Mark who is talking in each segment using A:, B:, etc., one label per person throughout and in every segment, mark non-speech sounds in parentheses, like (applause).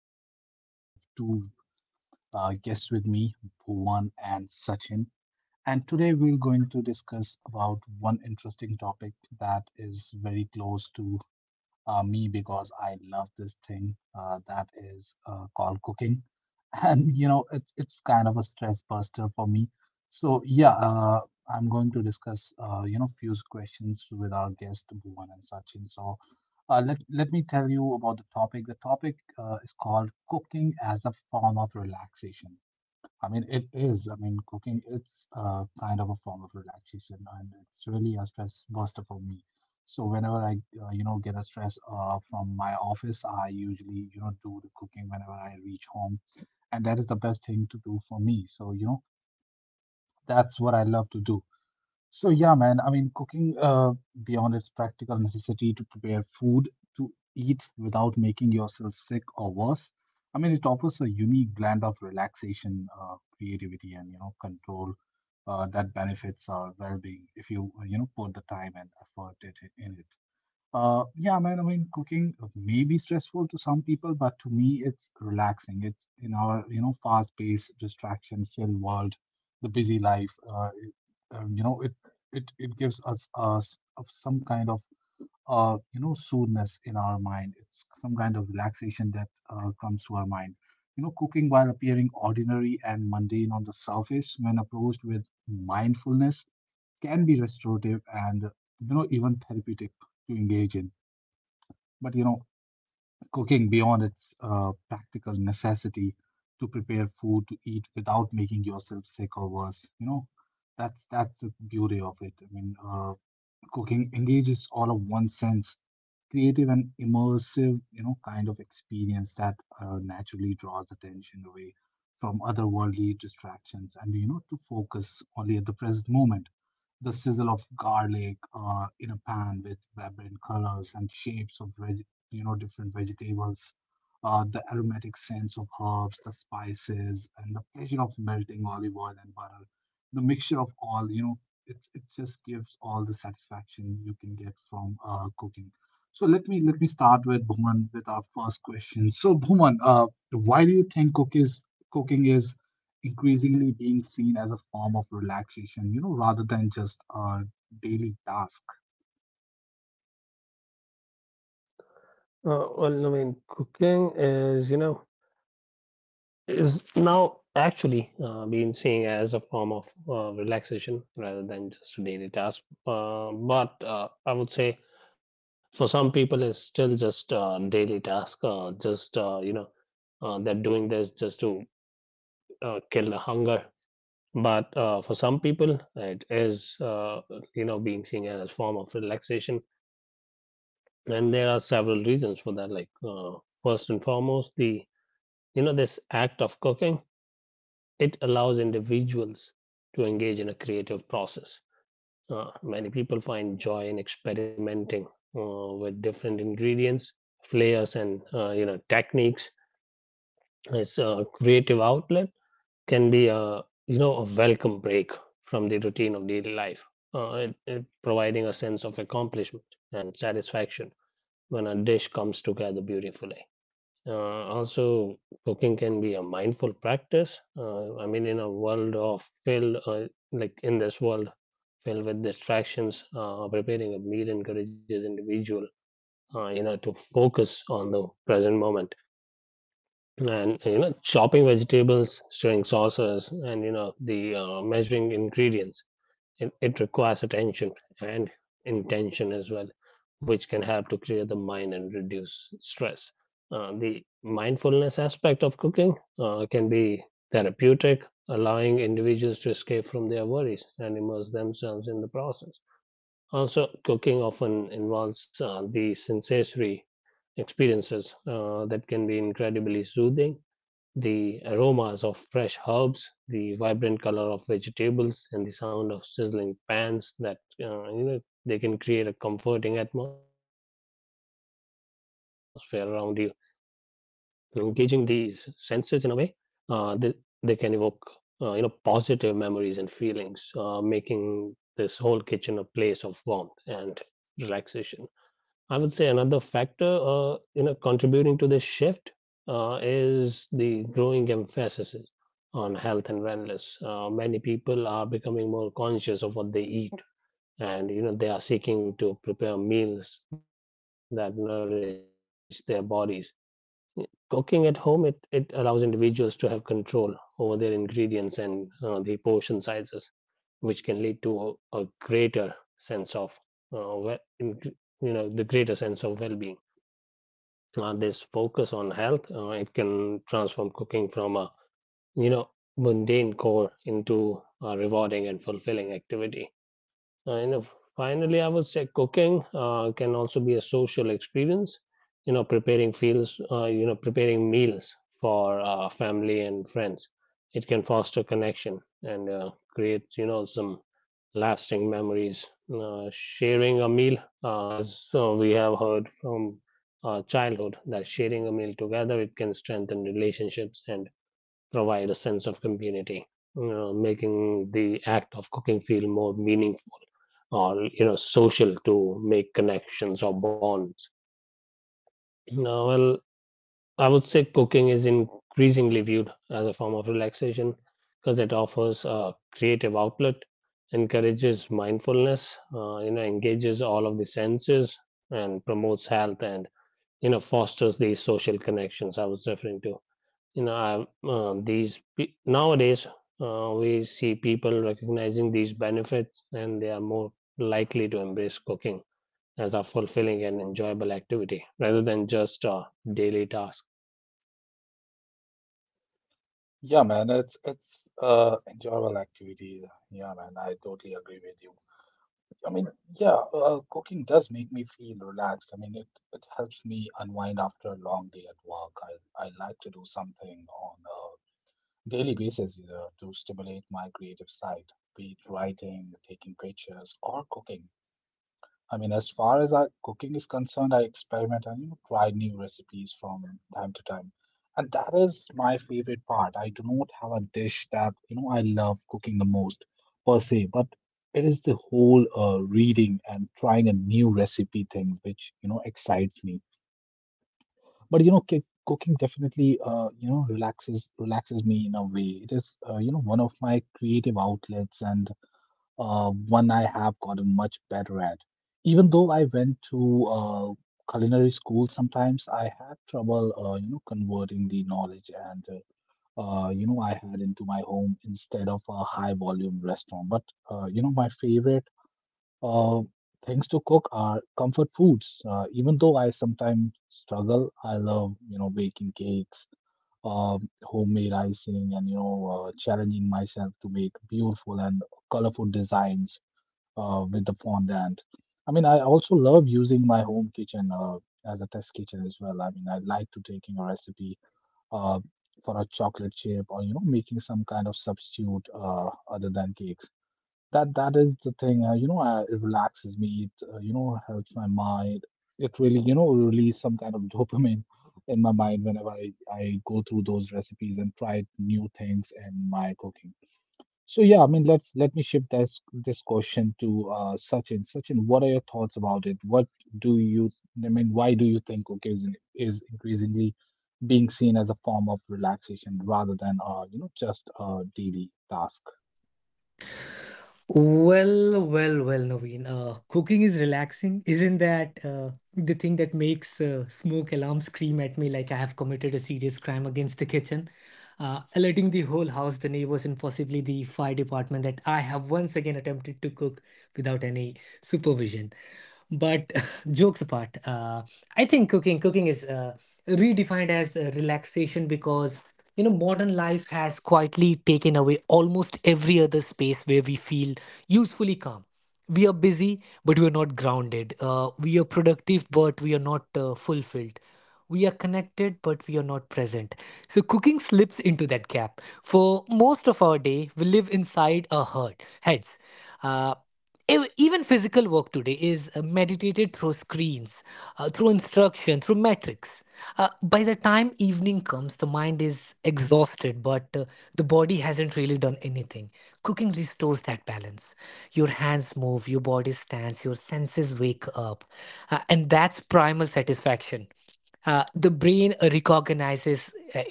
A: and I have two guests with me, Bhuvan and Sachin. And today we're going to discuss about one interesting topic that is very close to me because I love this thing that is called cooking, (laughs) and you know it's kind of a stress buster for me. So yeah, I'm going to discuss you know few questions with our guest Bhuvan and Sachin. So let me tell you about the topic. The topic is called cooking as a form of relaxation. I mean, it is. I mean, cooking it's kind of a form of relaxation, and it's really a stress buster for me. So whenever I, you know, get a stress from my office, I usually, you know, do the cooking whenever I reach home, and that is the best thing to do for me. So you know, that's what I love to do. So yeah, man. I mean, cooking beyond its practical necessity to prepare food to eat without making yourself sick or worse. I mean, it offers a unique blend of relaxation, creativity, and you know, control that benefits our well-being if you you know put the time and effort it, in it. Yeah, man. I mean, cooking may be stressful to some people, but to me, it's relaxing. It's in our, you know, fast-paced, distraction-filled world, the busy life. It, you know, it gives us us of some kind of you know, soothness in our mind. It's some kind of relaxation that comes to our mind. You know, cooking while appearing ordinary and mundane on the surface, when approached with mindfulness, can be restorative and you know even therapeutic to engage in, but you know, cooking beyond its practical necessity to prepare food to eat without making yourself sick or worse. You know, that's the beauty of it. I mean, cooking engages all of one's sense, creative and immersive, you know, kind of experience that naturally draws attention away from otherworldly distractions and, you know, to focus only at the present moment. The sizzle of garlic in a pan with vibrant colors and shapes of, you know, different vegetables, the aromatic scents of herbs, the spices, and the pleasure of melting olive oil and butter, the mixture of all, you know, it just gives all the satisfaction you can get from cooking. So let me start with Bhuman with our first question. So Bhuman, why do you think cooking is increasingly being seen as a form of relaxation, you know, rather than just a daily task? Yeah, man, it's enjoyable activity. Yeah, man, I totally agree with you. I mean, yeah, cooking does make me feel relaxed. I mean, it helps me unwind after a long day at work. I like to do something on a daily basis, you know, to stimulate my creative side, be it writing, taking pictures, or cooking. I mean, as far as our cooking is concerned, I experiment and you know, try new recipes from time to time. And that is my favorite part. I do not have a dish that, you know, I love cooking the most per se, but it is the whole reading and trying a new recipe thing which, you know, excites me. But you know, cooking definitely you know, relaxes me in a way. It is you know, one of my creative outlets and one I have gotten much better at. Even though I went to culinary school, sometimes I had trouble, you know, converting the knowledge and you know I had into my home instead of a high volume restaurant. But you know, my favorite uh, things to cook are comfort foods. Even though I sometimes struggle, I love you know baking cakes. Homemade icing and you know challenging myself to make beautiful and colorful designs with the fondant. I mean, I also love using my home kitchen as a test kitchen as well. I mean, I like to taking a recipe uh, for a chocolate chip or you know making some kind of substitute other than cakes. That is the thing. It relaxes me. It you know helps my mind. It really you know release some kind of (laughs) dopamine in my mind whenever I go through those recipes and try new things in my cooking. So yeah, I mean, let me shift this question to Sachin. Sachin, what are your thoughts about it? What do you, I mean, why do you think is increasingly being seen as a form of relaxation rather than you know just a daily task?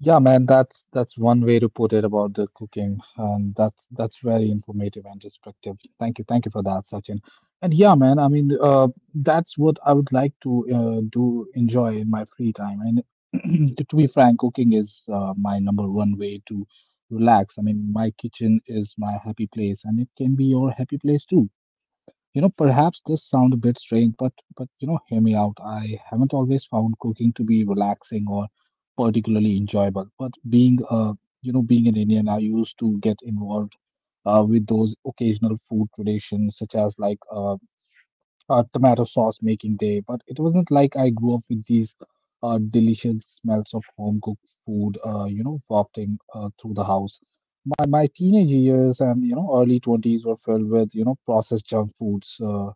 A: Yeah, man, that's one way to put it about the cooking, and that's very informative and instructive. Thank you for that, Sachin. And yeah, man, I mean, that's what I would like to do enjoy in my free time. And (clears throat) to be frank, cooking is my number one way to relax. I mean, my kitchen is my happy place, and it can be your happy place too. You know, perhaps this sound a bit strange, but you know, hear me out. I haven't always found cooking to be relaxing or particularly enjoyable. But being you know, being an Indian, I used to get involved with those occasional food traditions, such as like tomato sauce making day, but it wasn't like I grew up with these delicious smells of home cooked food, you know, wafting through the house. My teenage years and you know early 20s were filled with you know processed junk foods,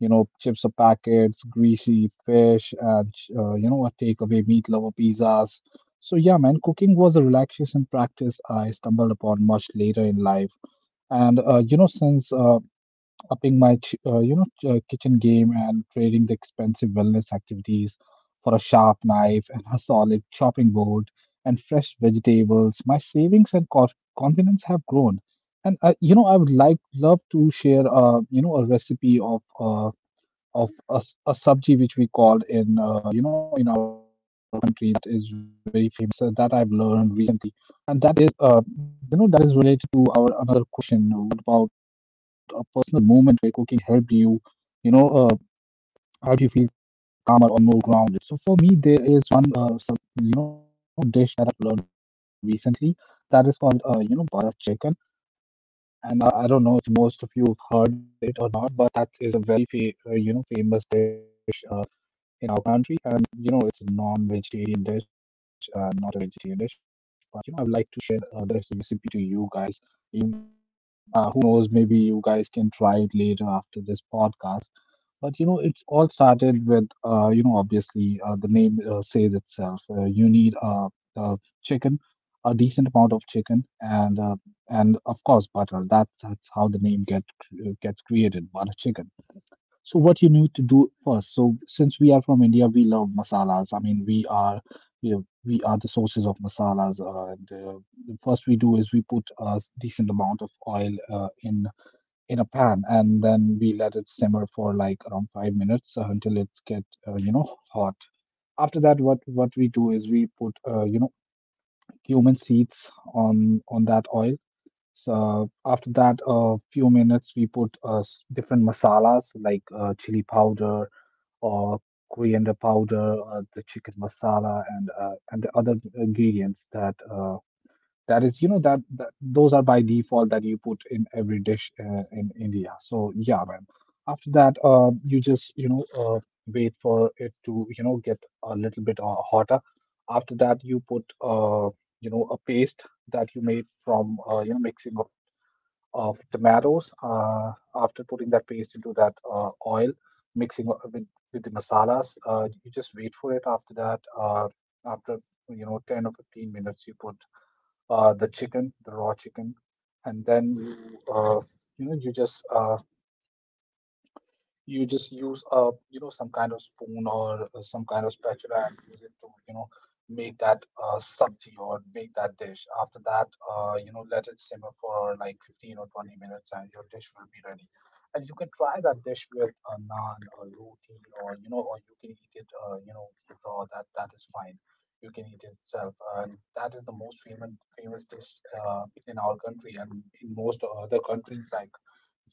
A: you know chips of packets, greasy fish, and you know a takeaway meat lover pizzas. So yeah, man, cooking was a relaxation practice I stumbled upon much later in life and you know since upping my you know kitchen game and trading the expensive wellness activities for a sharp knife and a solid chopping board and fresh vegetables, my savings and confidence have grown and you know I would like love to share you know a recipe of a sabji which we call in you know in our country that is very famous that I've learned recently, and that is you know that is related to our another question. What about a personal moment where cooking helped you, you know, helped you feel calmer or more grounded? So for me, there is one sub you know dish that I've learned recently that is called you know butter chicken. And I don't know if you, most of you have heard it or not, but that is a very you know famous dish in our country and you know it's a non-vegetarian dish not a vegetarian dish, but you know I would like to share this recipe to you guys you, who knows, maybe you guys can try it later after this podcast, but you know it's all started with you know obviously the name says itself you need uh, chicken, a decent amount of chicken and of course butter. That's how the name gets created, butter chicken. So what you need to do first. So since we are from India, we love masalas. I mean, we are you know, we are the sources of masalas. And The first we do is we put a decent amount of oil in a pan, and then we let it simmer for like around 5 minutes until it get you know hot. After that, what we do is we put you know cumin seeds on that oil. So after that, a few minutes, we put different masalas like chili powder, or coriander powder, the chicken masala, and the other ingredients that that is you know that those are by default that you put in every dish in India. So yeah, man. After that, you just you know wait for it to you know get a little bit hotter. After that, you put a paste that you made from mixing of tomatoes. After putting that paste into that oil, mixing with the masalas, you just wait for it. After that, after you know 10 or 15 minutes you put the chicken the raw chicken, and then you know you just uh, you just use a, some kind of spoon or some kind of spatula, and use it to make that sabji or make that dish. After that, let it simmer for like 15 or 20 minutes and your dish will be ready, and you can try that dish with a naan or roti, or or you can eat it, raw. That is fine. You can eat it itself, and that is the most famous dish in our country and in most other countries like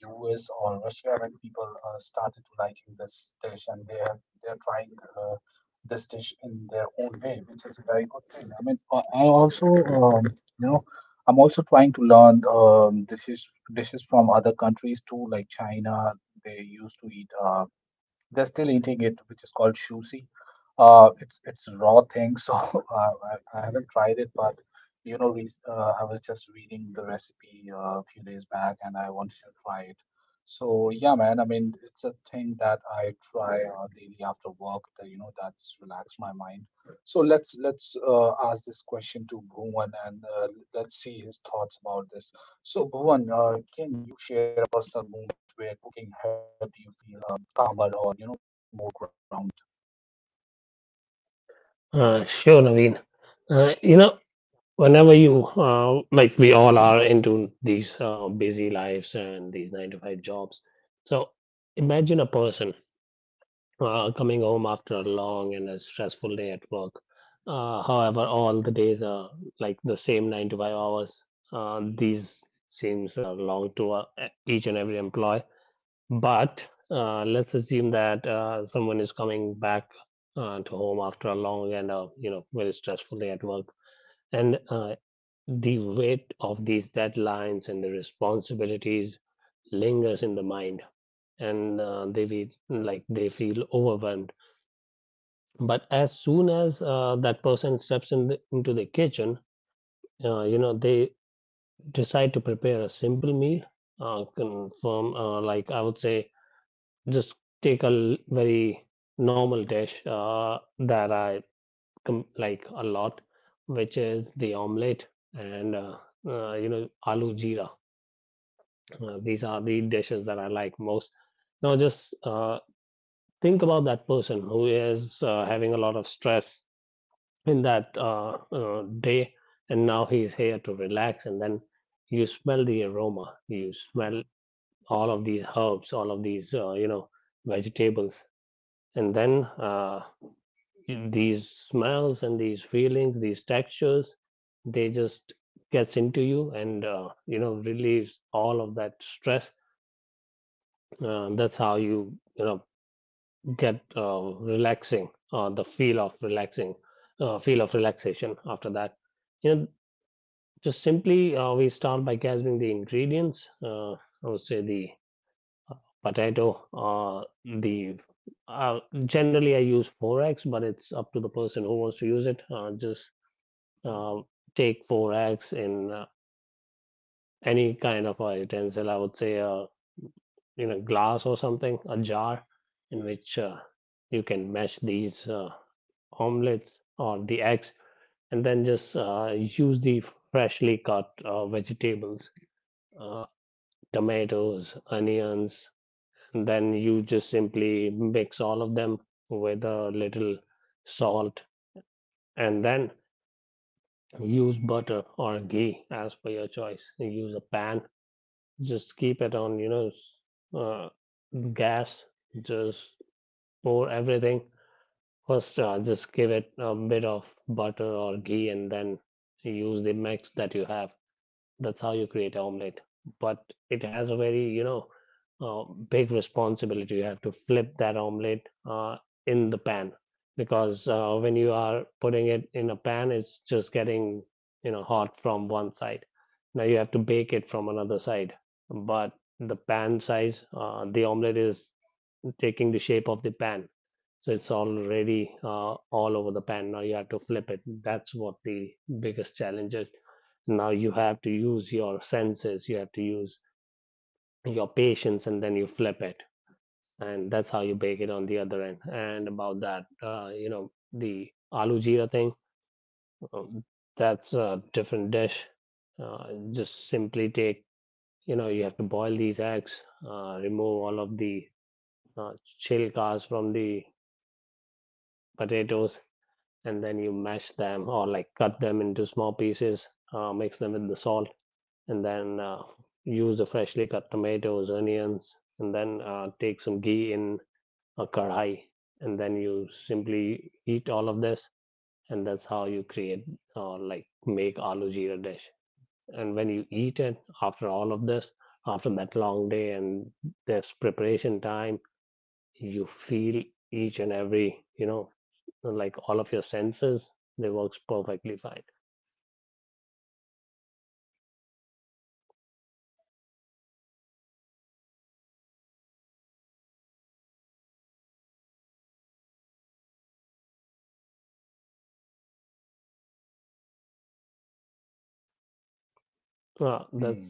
A: US or Russia, when people started liking this dish, and they're trying uh, this dish in their own way, which is a very good thing. I mean, I also you know I'm also trying to learn dishes from other countries too, like China. They used to eat they're still eating it, which is called shusi. It's a raw thing, so (laughs) I haven't tried it, but I was just reading the recipe a few days back, and I wanted to try it. So yeah, man. I mean, it's a thing that I try daily after work. That's relaxed my mind. So let's ask this question to Bhuvan, and let's see his thoughts about this. So Bhuvan, can you share a personal moment where cooking helped you feel calmer or more grounded?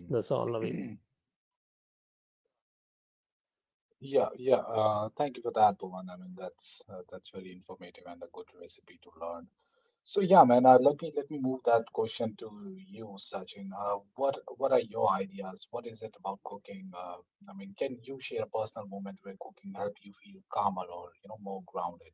A: Hmm. (clears throat) Yeah, yeah. Thank you for that, Bhuvan. I mean, that's very informative and a good recipe to learn. So yeah, man. Let me move that question to you, Sachin. What are your ideas? What is it about cooking? I mean, can you share a personal moment where cooking helped you feel calmer or more grounded?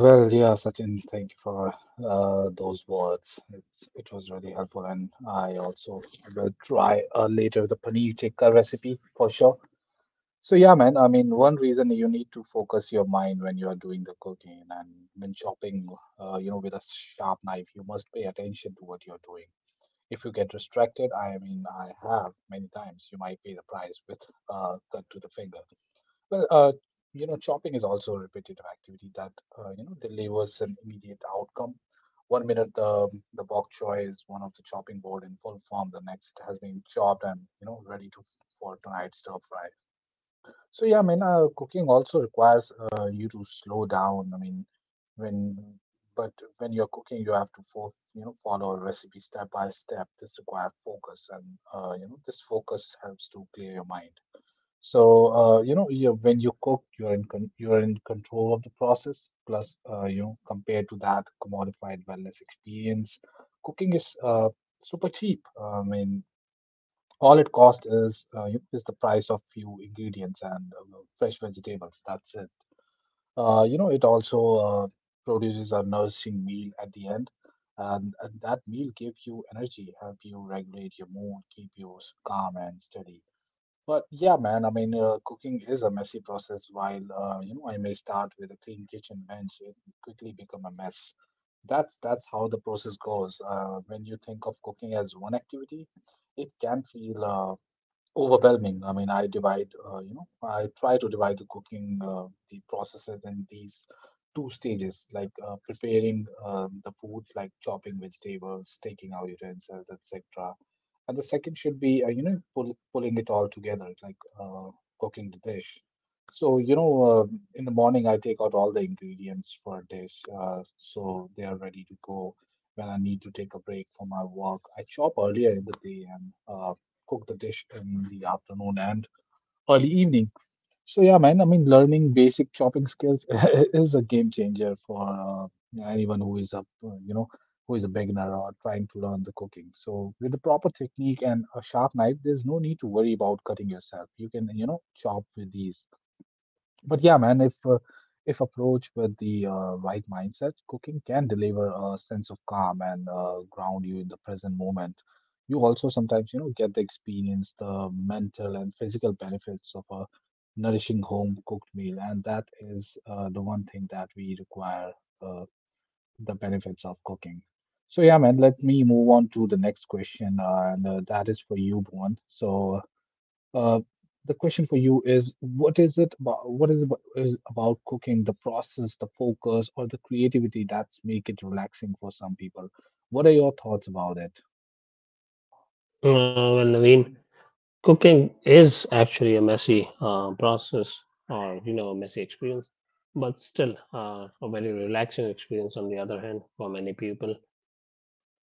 A: Oh, well, yeah, Sachin, thank you for those words. It's, it was really helpful, and I also will try later the paneer tikka recipe for sure. So, yeah, man, I mean, one reason: you need to focus your mind when you're doing the cooking and when chopping, you know, with a sharp knife, you must pay attention to what you're doing. If you get distracted, I mean, I have many times, you might pay the price with cut to the finger. Well, you know, chopping is also a repetitive activity that you know delivers an immediate outcome. One minute the bok choy is one of the chopping board in full form. The next it has been chopped and you know ready to for tonight's stir fry. So yeah, I mean, cooking also requires you to slow down. I mean, when But when you're cooking, you have to for, you know follow a recipe step by step. This requires focus, and you know this focus helps to clear your mind. So, you know, when you cook, you're in con you're in control of the process. Plus, you know, compared to that commodified wellness experience, cooking is super cheap. I mean, all it costs is is the price of few ingredients and fresh vegetables. That's it. You know, it also uh, produces a nourishing meal at the end, and that meal gives you energy, help you regulate your mood, keep you calm and steady. But yeah, man, I mean, cooking is a messy process. While you know, I may start with a clean kitchen bench, it quickly become a mess. That's how the process goes. When you think of cooking as one activity, it can feel overwhelming. I mean, you know, I try to divide the cooking, the processes in these two stages, like preparing the food, like chopping vegetables, taking out utensils, etc. And the second should be, you know, pulling it all together, like cooking the dish. So, you know, in the morning, I take out all the ingredients for a dish, so they are ready to go. When I need to take a break from my work, I chop earlier in the day and cook the dish in the afternoon and early evening. So yeah, man, I mean, learning basic chopping skills (laughs) is a game changer for anyone who is you know, who is a beginner or trying to learn the cooking. So with the proper technique and a sharp knife, there's no need to worry about cutting yourself. You can, you know, chop with these, but yeah, man, if approached with the right mindset, cooking can deliver a sense of calm and ground you in the present moment. You also sometimes, you know, get the experience, the mental and physical benefits of a nourishing home cooked meal, and that is the one thing that we require, uh, the benefits of cooking. So yeah, man, let me move on to the next question, and that is for you, Bhuvan. So. Uh, the question for you is, what is it about, is about cooking, the process, the focus, or the creativity that's make it relaxing for some people? What are your thoughts about it?
B: Uh, well, Naveen, cooking is actually a messy process or, you know, a messy experience, but still a very relaxing experience on the other hand for many people.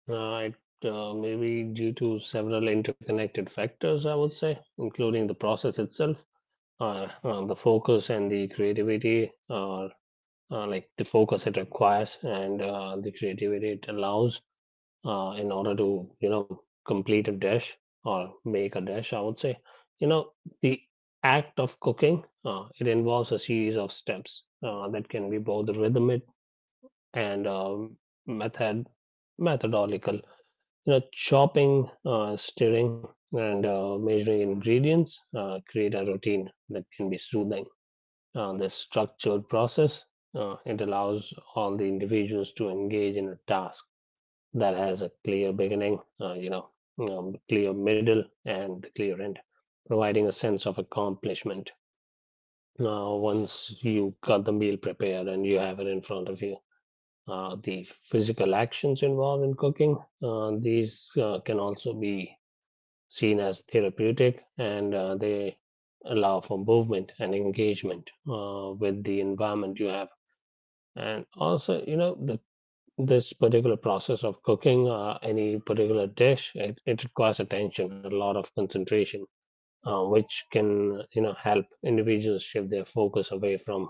B: Uh, it may be due to several interconnected factors, I would say, including the process itself, the focus and the creativity, or like the focus it requires and the creativity it allows in order to you know complete a dish or make a dish, I would say. You know, the act of cooking, it involves a series of steps that can be both rhythmic and method methodological. You know, chopping, stirring, and measuring ingredients create a routine that can be soothing. This structured process, it allows all the individuals to engage in a task that has a clear beginning, you know, clear middle, and the clear end, providing a sense of accomplishment. Now, once you got the meal prepared and you have it in front of you, the physical actions involved in cooking, these can also be seen as therapeutic, and they allow for movement and engagement with the environment you have. And also, you know, the this particular process of cooking any particular dish, it requires attention, a lot of concentration, which can you know help individuals shift their focus away from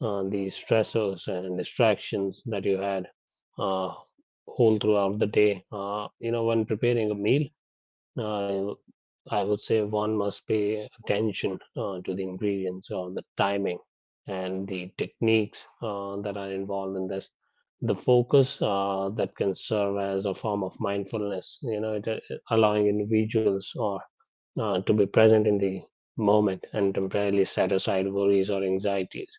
B: the stressors and distractions that you had uh, whole throughout the day. You know, when preparing a meal, I I would say one must pay attention to the ingredients or the timing and the techniques that are involved in this. The focus, that can serve as a form of mindfulness, you know, it, allowing individuals or to be present in the moment and temporarily set aside worries or anxieties.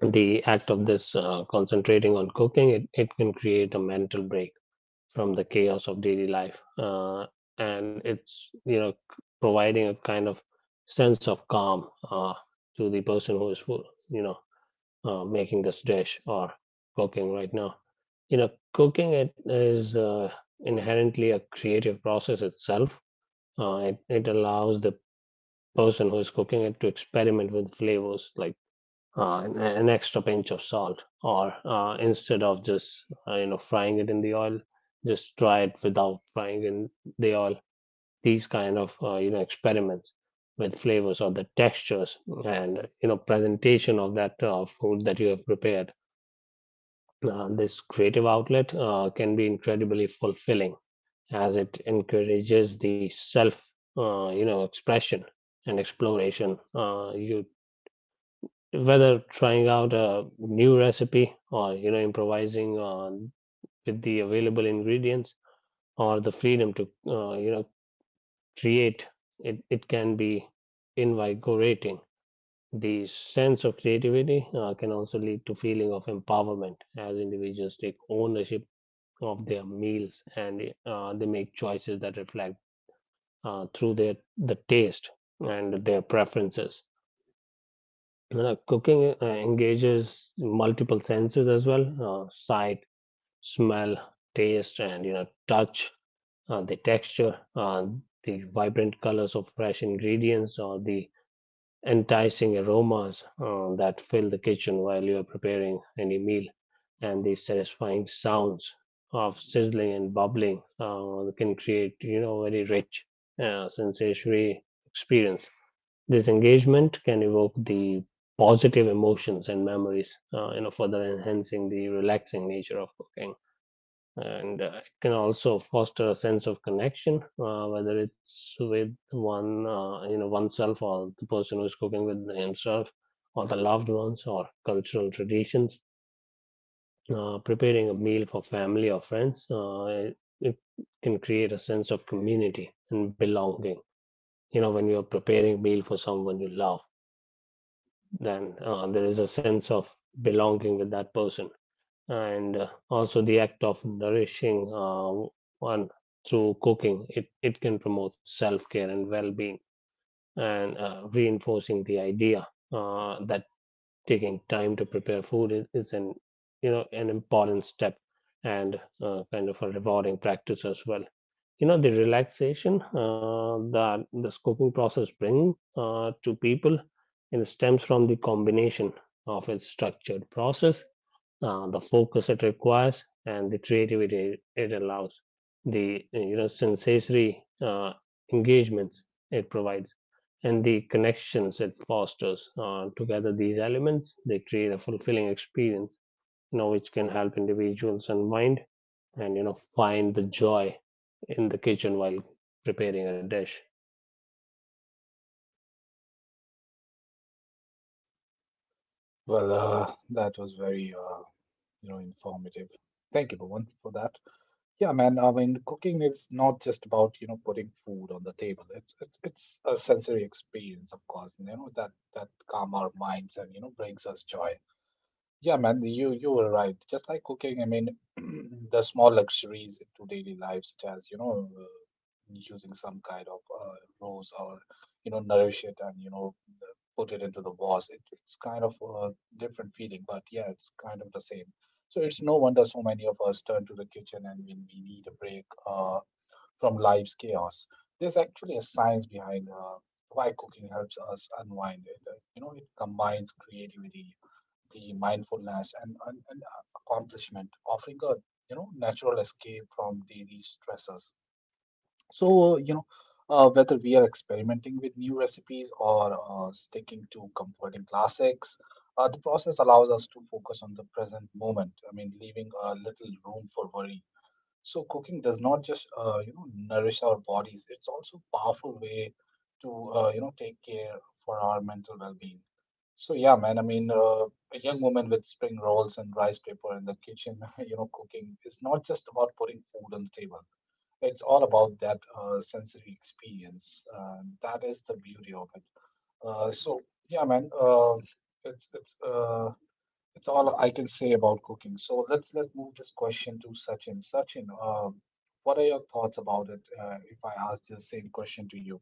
B: The act of this, concentrating on cooking, it can create a mental break from the chaos of daily life. And it's, you know, providing a kind of sense of calm to the person who is, full, you know, making this dish or cooking right now. You know, cooking, it is inherently a creative process itself. It allows the person who is cooking it to experiment with flavors, like an extra pinch of salt, or instead of just you know frying it in the oil, just try it without frying in the oil. These kind of, you know, experiments with flavors or the textures and you know presentation of that food that you have prepared. This creative outlet can be incredibly fulfilling as it encourages the self, you know, expression and exploration. You Whether trying out a new recipe or you know improvising on with the available ingredients or the freedom to, you know, create, it can be invigorating. The sense of creativity can also lead to feeling of empowerment as individuals take ownership of their meals and they make choices that reflect through their the taste and their preferences. You know, cooking engages multiple senses as well: sight, smell, taste, and you know touch, the texture, the vibrant colors of fresh ingredients, or the enticing aromas that fill the kitchen while you are preparing any meal, and the satisfying sounds of sizzling and bubbling can create you know very rich sensory experience. This engagement can evoke the positive emotions and memories, you know, further enhancing the relaxing nature of cooking. And it can also foster a sense of connection, whether it's with one, you know, oneself or the person who's cooking with himself or the loved ones or cultural traditions. Preparing a meal for family or friends, it can create a sense of community and belonging. You know, when you're preparing a meal for someone you love, then there is a sense of belonging with that person. And also the act of nourishing one through cooking, it can promote self-care and well-being, and reinforcing the idea that taking time to prepare food is an you know an important step and kind of a rewarding practice as well. You know, the relaxation that the scoping process brings to people and stems from the combination of its structured process, the focus it requires and the creativity it allows, the you know sensory engagements it provides, and the connections it fosters. Together these elements they create a fulfilling experience, you know, which can help individuals unwind and you know find the joy in the kitchen while preparing a dish.
A: Well, that was very, you know, informative. Thank you, Bhuvan, for that. Yeah, man. I mean, cooking is not just about, you know, putting food on the table. It's a sensory experience, of course, you know, that calm our minds and, you know, brings us joy. Yeah, man, you were right. Just like cooking, I mean, (clears throat) the small luxuries into daily life, such as you know, using some kind of rose or you know, nourish it and you know, put it into the vase. It's kind of a different feeling, but yeah, it's kind of the same. So it's no wonder so many of us turn to the kitchen and when we need a break from life's chaos. There's actually a science behind why cooking helps us unwind. It, you know, it combines creativity, the mindfulness, and accomplishment, offering a you know natural escape from daily stressors. So you know whether we are experimenting with new recipes or sticking to comforting classics, the process allows us to focus on the present moment. I mean, leaving a little room for worry. So cooking does not just you know nourish our bodies; it's also a powerful way to you know take care for our mental well-being. So yeah, man. I mean, a young woman with spring rolls and rice paper in the kitchen, (laughs) you know, cooking is not just about putting food on the table. It's all about that sensory experience. That is the beauty of it. So yeah, man. It's it's uh, it's all I can say about cooking. So let's move this question to Sachin. Sachin, what are your thoughts about it? If I ask the same question to you.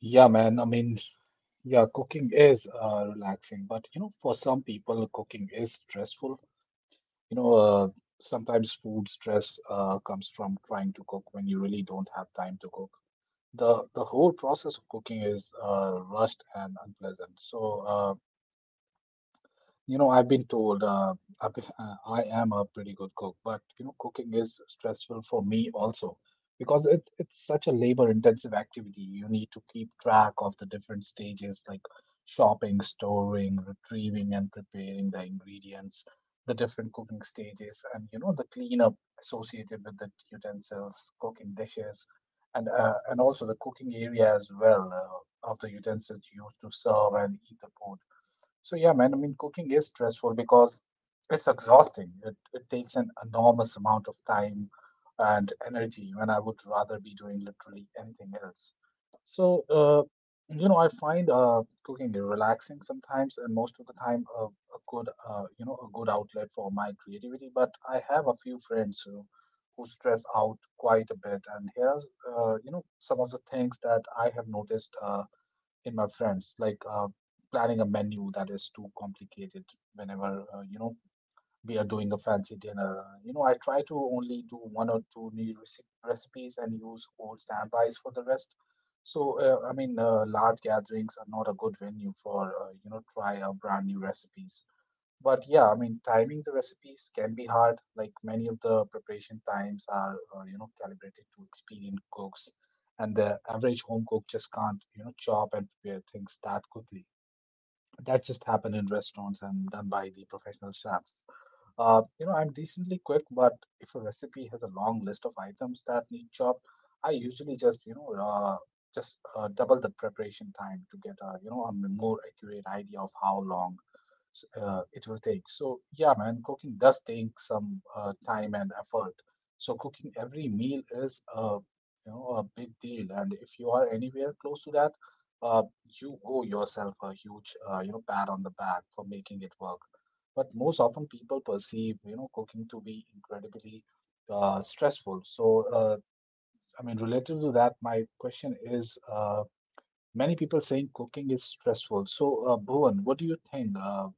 A: Yeah, man. I mean, yeah, cooking is relaxing, but you know, for some people, cooking is stressful. You know, sometimes food stress comes from trying to cook when you really don't have time to cook. The whole process of cooking is rushed and unpleasant. So, you know, I've been told I am a pretty good cook, but you know, cooking is stressful for me also because it's such a labor-intensive activity. You need to keep track of the different stages like shopping, storing, retrieving, and preparing the ingredients, the different cooking stages, and you know, the cleanup associated with the utensils, cooking dishes, and also the cooking area as well, of the utensils used to serve and eat the food. So yeah, man, I mean, cooking is stressful because it's exhausting. It takes an enormous amount of time and energy when I would rather be doing literally anything else. So, you know, I find cooking relaxing sometimes, and most of the time, a good, you know, a good outlet for my creativity. But I have a few friends who stress out quite a bit, and here's, you know, some of the things that I have noticed. In my friends, like planning a menu that is too complicated whenever, you know, we are doing a fancy dinner. You know, I try to only do one or two new recipes and use old standbys for the rest. Large gatherings are not a good venue for, try a brand new recipes. But yeah, I mean, timing the recipes can be hard. Like many of the preparation times are, calibrated to experienced cooks, and the average home cook just can't, you know, chop and prepare things that quickly. That just happen in restaurants and done by the professional chefs. You know, I'm decently quick, but if a recipe has a long list of items that need chopped, I usually just double the preparation time to get a, you know, a more accurate idea of how long it will take. So yeah, man, cooking does take some time and effort. So cooking every meal is a, you know, a big deal. And if you are anywhere close to that, uh, you owe yourself a huge, you know, pat on the back for making it work, but most often people perceive you know cooking to be incredibly stressful. So I mean, relative to that, my question is, many people saying cooking is stressful. So Bhuvan, what do you think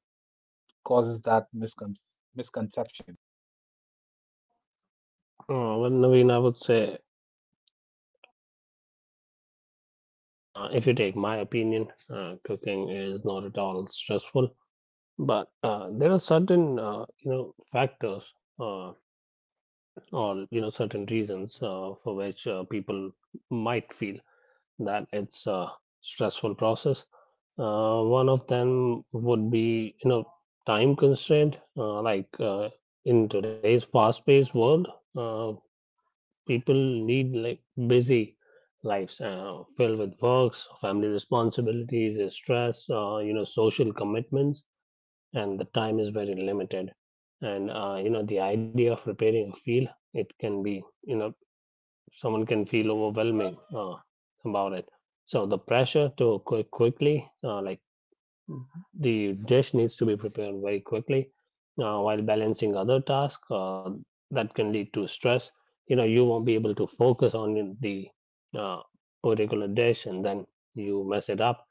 A: causes that misconception?
B: Well, Naveen, I would say, if you take my opinion, cooking is not at all stressful. But there are certain, you know, factors, or you know certain reasons for which people might feel that it's a stressful process. One of them would be, you know, time constraint. Like in today's fast-paced world, uh, people need like busy lives filled with works, family responsibilities, stress, you know, social commitments, and the time is very limited. And you know, the idea of repairing a field, it can be, you know, someone can feel overwhelming about it. So the pressure to quickly, like the dish needs to be prepared very quickly, while balancing other tasks that can lead to stress. You know, you won't be able to focus on the uh, particular dish, and then you mess it up,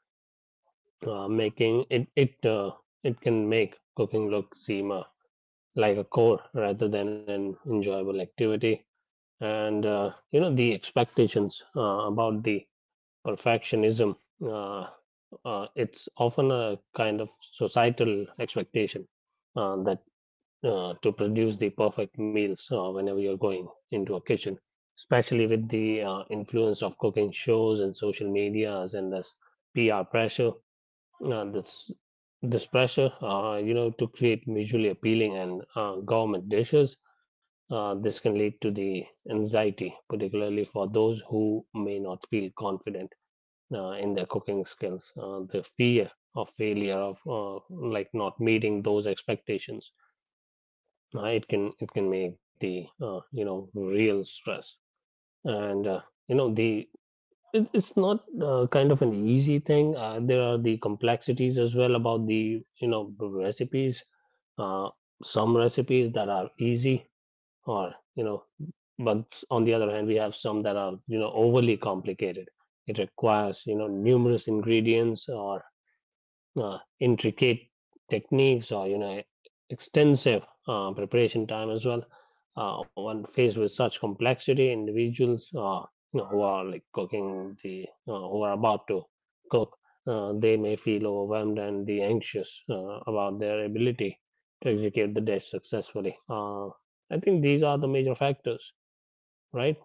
B: making it, it can make cooking look seem like a chore rather than an enjoyable activity. And you know, the expectations about the perfectionism. Uh, it's often a kind of societal expectation that to produce the perfect meals whenever you're going into a kitchen, especially with the influence of cooking shows and social medias and this PR pressure. This this pressure, you know, to create visually appealing and gourmet dishes. This can lead to the anxiety, particularly for those who may not feel confident in their cooking skills, the fear of failure, of like not meeting those expectations, it can make the you know real stress, and you know the it's not kind of an easy thing. There are the complexities as well about the you know the recipes. Uh, some recipes that are easy, or you know, but on the other hand, we have some that are you know overly complicated. It requires you know numerous ingredients or intricate techniques or you know extensive preparation time as well. When faced with such complexity, individuals, you know, who are like cooking the who are about to cook, they may feel overwhelmed and the anxious about their ability to execute the dish successfully. I think these are the major factors, right?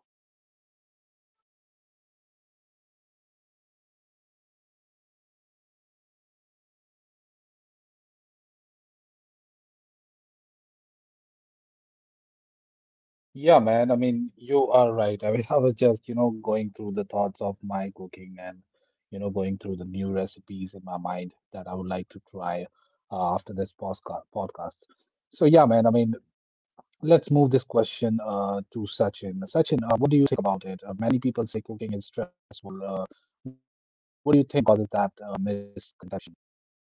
A: Yeah, man, I mean you are right, I mean (laughs) I was just you know going through the thoughts of my cooking, and you know going through the new recipes in my mind that I would like to try after this podcast. So yeah, man, I mean, let's move this question to Sachin. Sachin, what do you think about it? Many people say cooking is stressful. What do you think causes that misconception?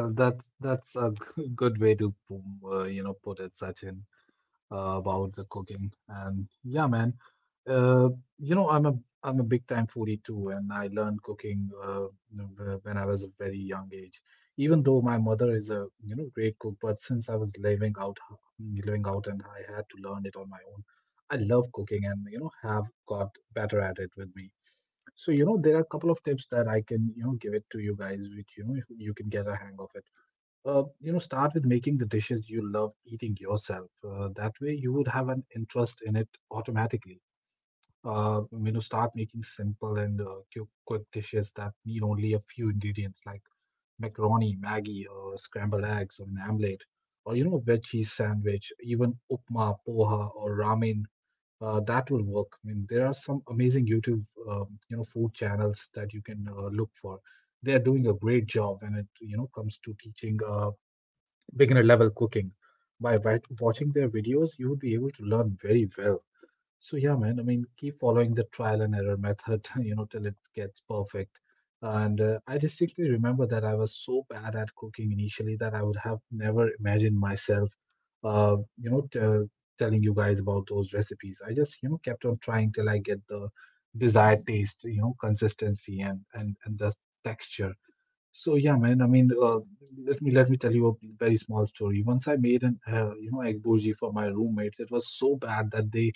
A: Well, that's a good way to you know put it, Sachin, about the cooking. And yeah, man, Uh, you know, I'm a big time foodie too, and I learned cooking, you know, when I was a very young age. Even though my mother is a you know great cook, but since I was living living out and I had to learn it on my own, I love cooking and you know have got better at it with me. So you know there are a couple of tips that I can you know give it to you guys, which you know if you can get a hang of it. You know, start with making the dishes you love eating yourself. That way you would have an interest in it automatically. You know, start making simple and quick dishes that need only a few ingredients, like macaroni maggie or scrambled eggs or an omelette, or you know a veg cheese sandwich, even upma poha or ramen. That will work. I mean, there are some amazing youtube you know food channels that you can look for. They are doing a great job when it you know comes to teaching beginner level cooking. By watching their videos, you would be able to learn very well. So yeah, man. I mean, keep following the trial and error method, (laughs) you know, till it gets perfect. And I distinctly remember that I was so bad at cooking initially that I would have never imagined myself, you know, telling you guys about those recipes. I just, you know, kept on trying till I get the desired taste, you know, consistency and and the texture. So yeah, man. I mean, let me tell you a very small story. Once I made an you know egg burji for my roommates. It was so bad that they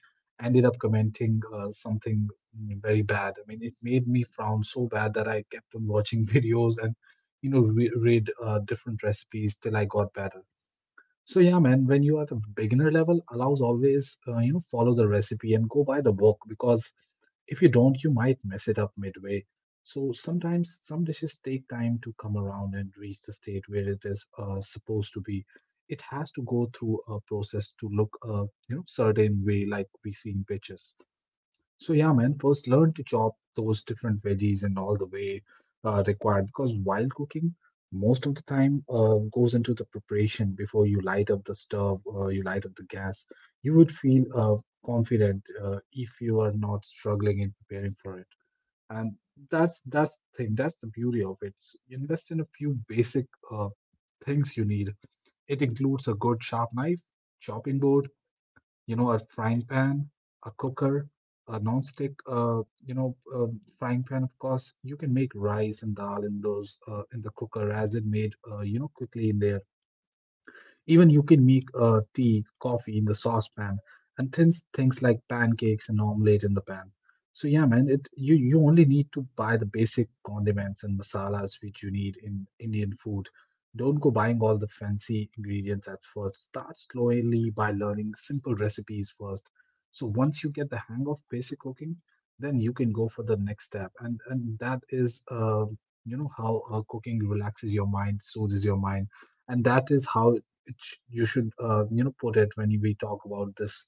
A: ended up commenting something, very bad. I mean, it made me frown so bad that I kept on watching (laughs) videos and you know read different recipes till I got better. So yeah, man, when you are at the beginner level, allows always you know follow the recipe and go by the book because if you don't, you might mess it up midway. So sometimes some dishes take time to come around and reach the state where it is supposed to be. It has to go through a process to look a you know certain way, like we see in pictures. So yeah, man, first learn to chop those different veggies and all the way required, because while cooking, most of the time goes into the preparation before you light up the stove or you light up the gas. You would feel confident if you are not struggling in preparing for it. And that's the thing. That's the beauty of it. Invest in a few basic things you need. It includes a good sharp knife, chopping board, you know, a frying pan, a cooker, a non-stick, frying pan. Of course, you can make rice and dal in those in the cooker as it made, you know, quickly in there. Even you can make tea, coffee in the saucepan, and things like pancakes and omelette in the pan. So yeah, man, it you you only need to buy the basic condiments and masalas which you need in Indian food. Don't go buying all the fancy ingredients at first. Start slowly by learning simple recipes first. So once you get the hang of basic cooking, then you can go for the next step, and that is you know how cooking relaxes your mind, soothes your mind, and that is how you should you know put it when we talk about this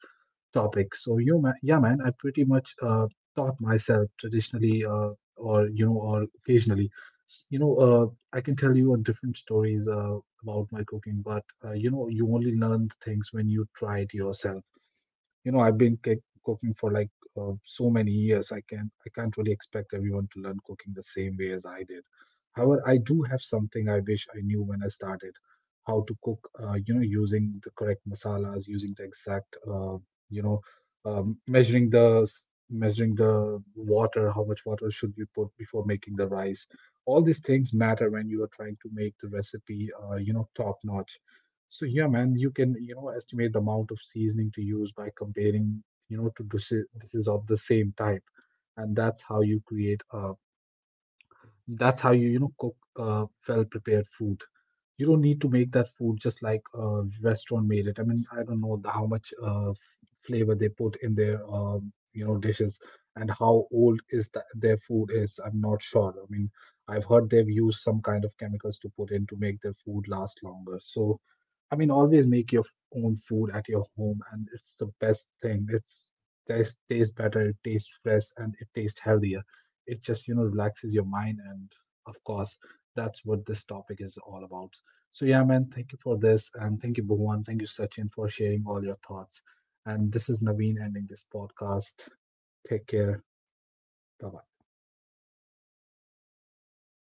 A: topic. So you yeah man, I pretty much taught myself traditionally, or you know or occasionally. You know, I can tell you different stories about my cooking, but you know, you only learn things when you try it yourself. You know, cooking for like so many years, I can I can't really expect everyone to learn cooking the same way as I did. However, I do have something I wish I knew when I started how to cook, you know, using the correct masalas, using the exact, you know measuring the measuring the water, how much water should you put before making the rice. All these things matter when you are trying to make the recipe you know top notch. So yeah, man, you can you know estimate the amount of seasoning to use by comparing, you know, to dishes of the same type. And that's how you create a, that's how you, you know, cook well-prepared food. You don't need to make that food just like a restaurant made it. I mean, I don't know the, how much flavor they put in their, you know, dishes, and how old is the, their food is. I'm not sure. I mean, I've heard they've used some kind of chemicals to put in to make their food last longer. So I mean, always make your own food at your home, and it's the best thing. It's tastes better, it tastes fresh, and it tastes healthier. It just you know relaxes your mind, and of course, that's what this topic is all about. So yeah, man, thank you for this, and thank you, Bhuvan, thank you, Sachin, for sharing all your thoughts. And this is Naveen ending this podcast. Take care. Bye bye.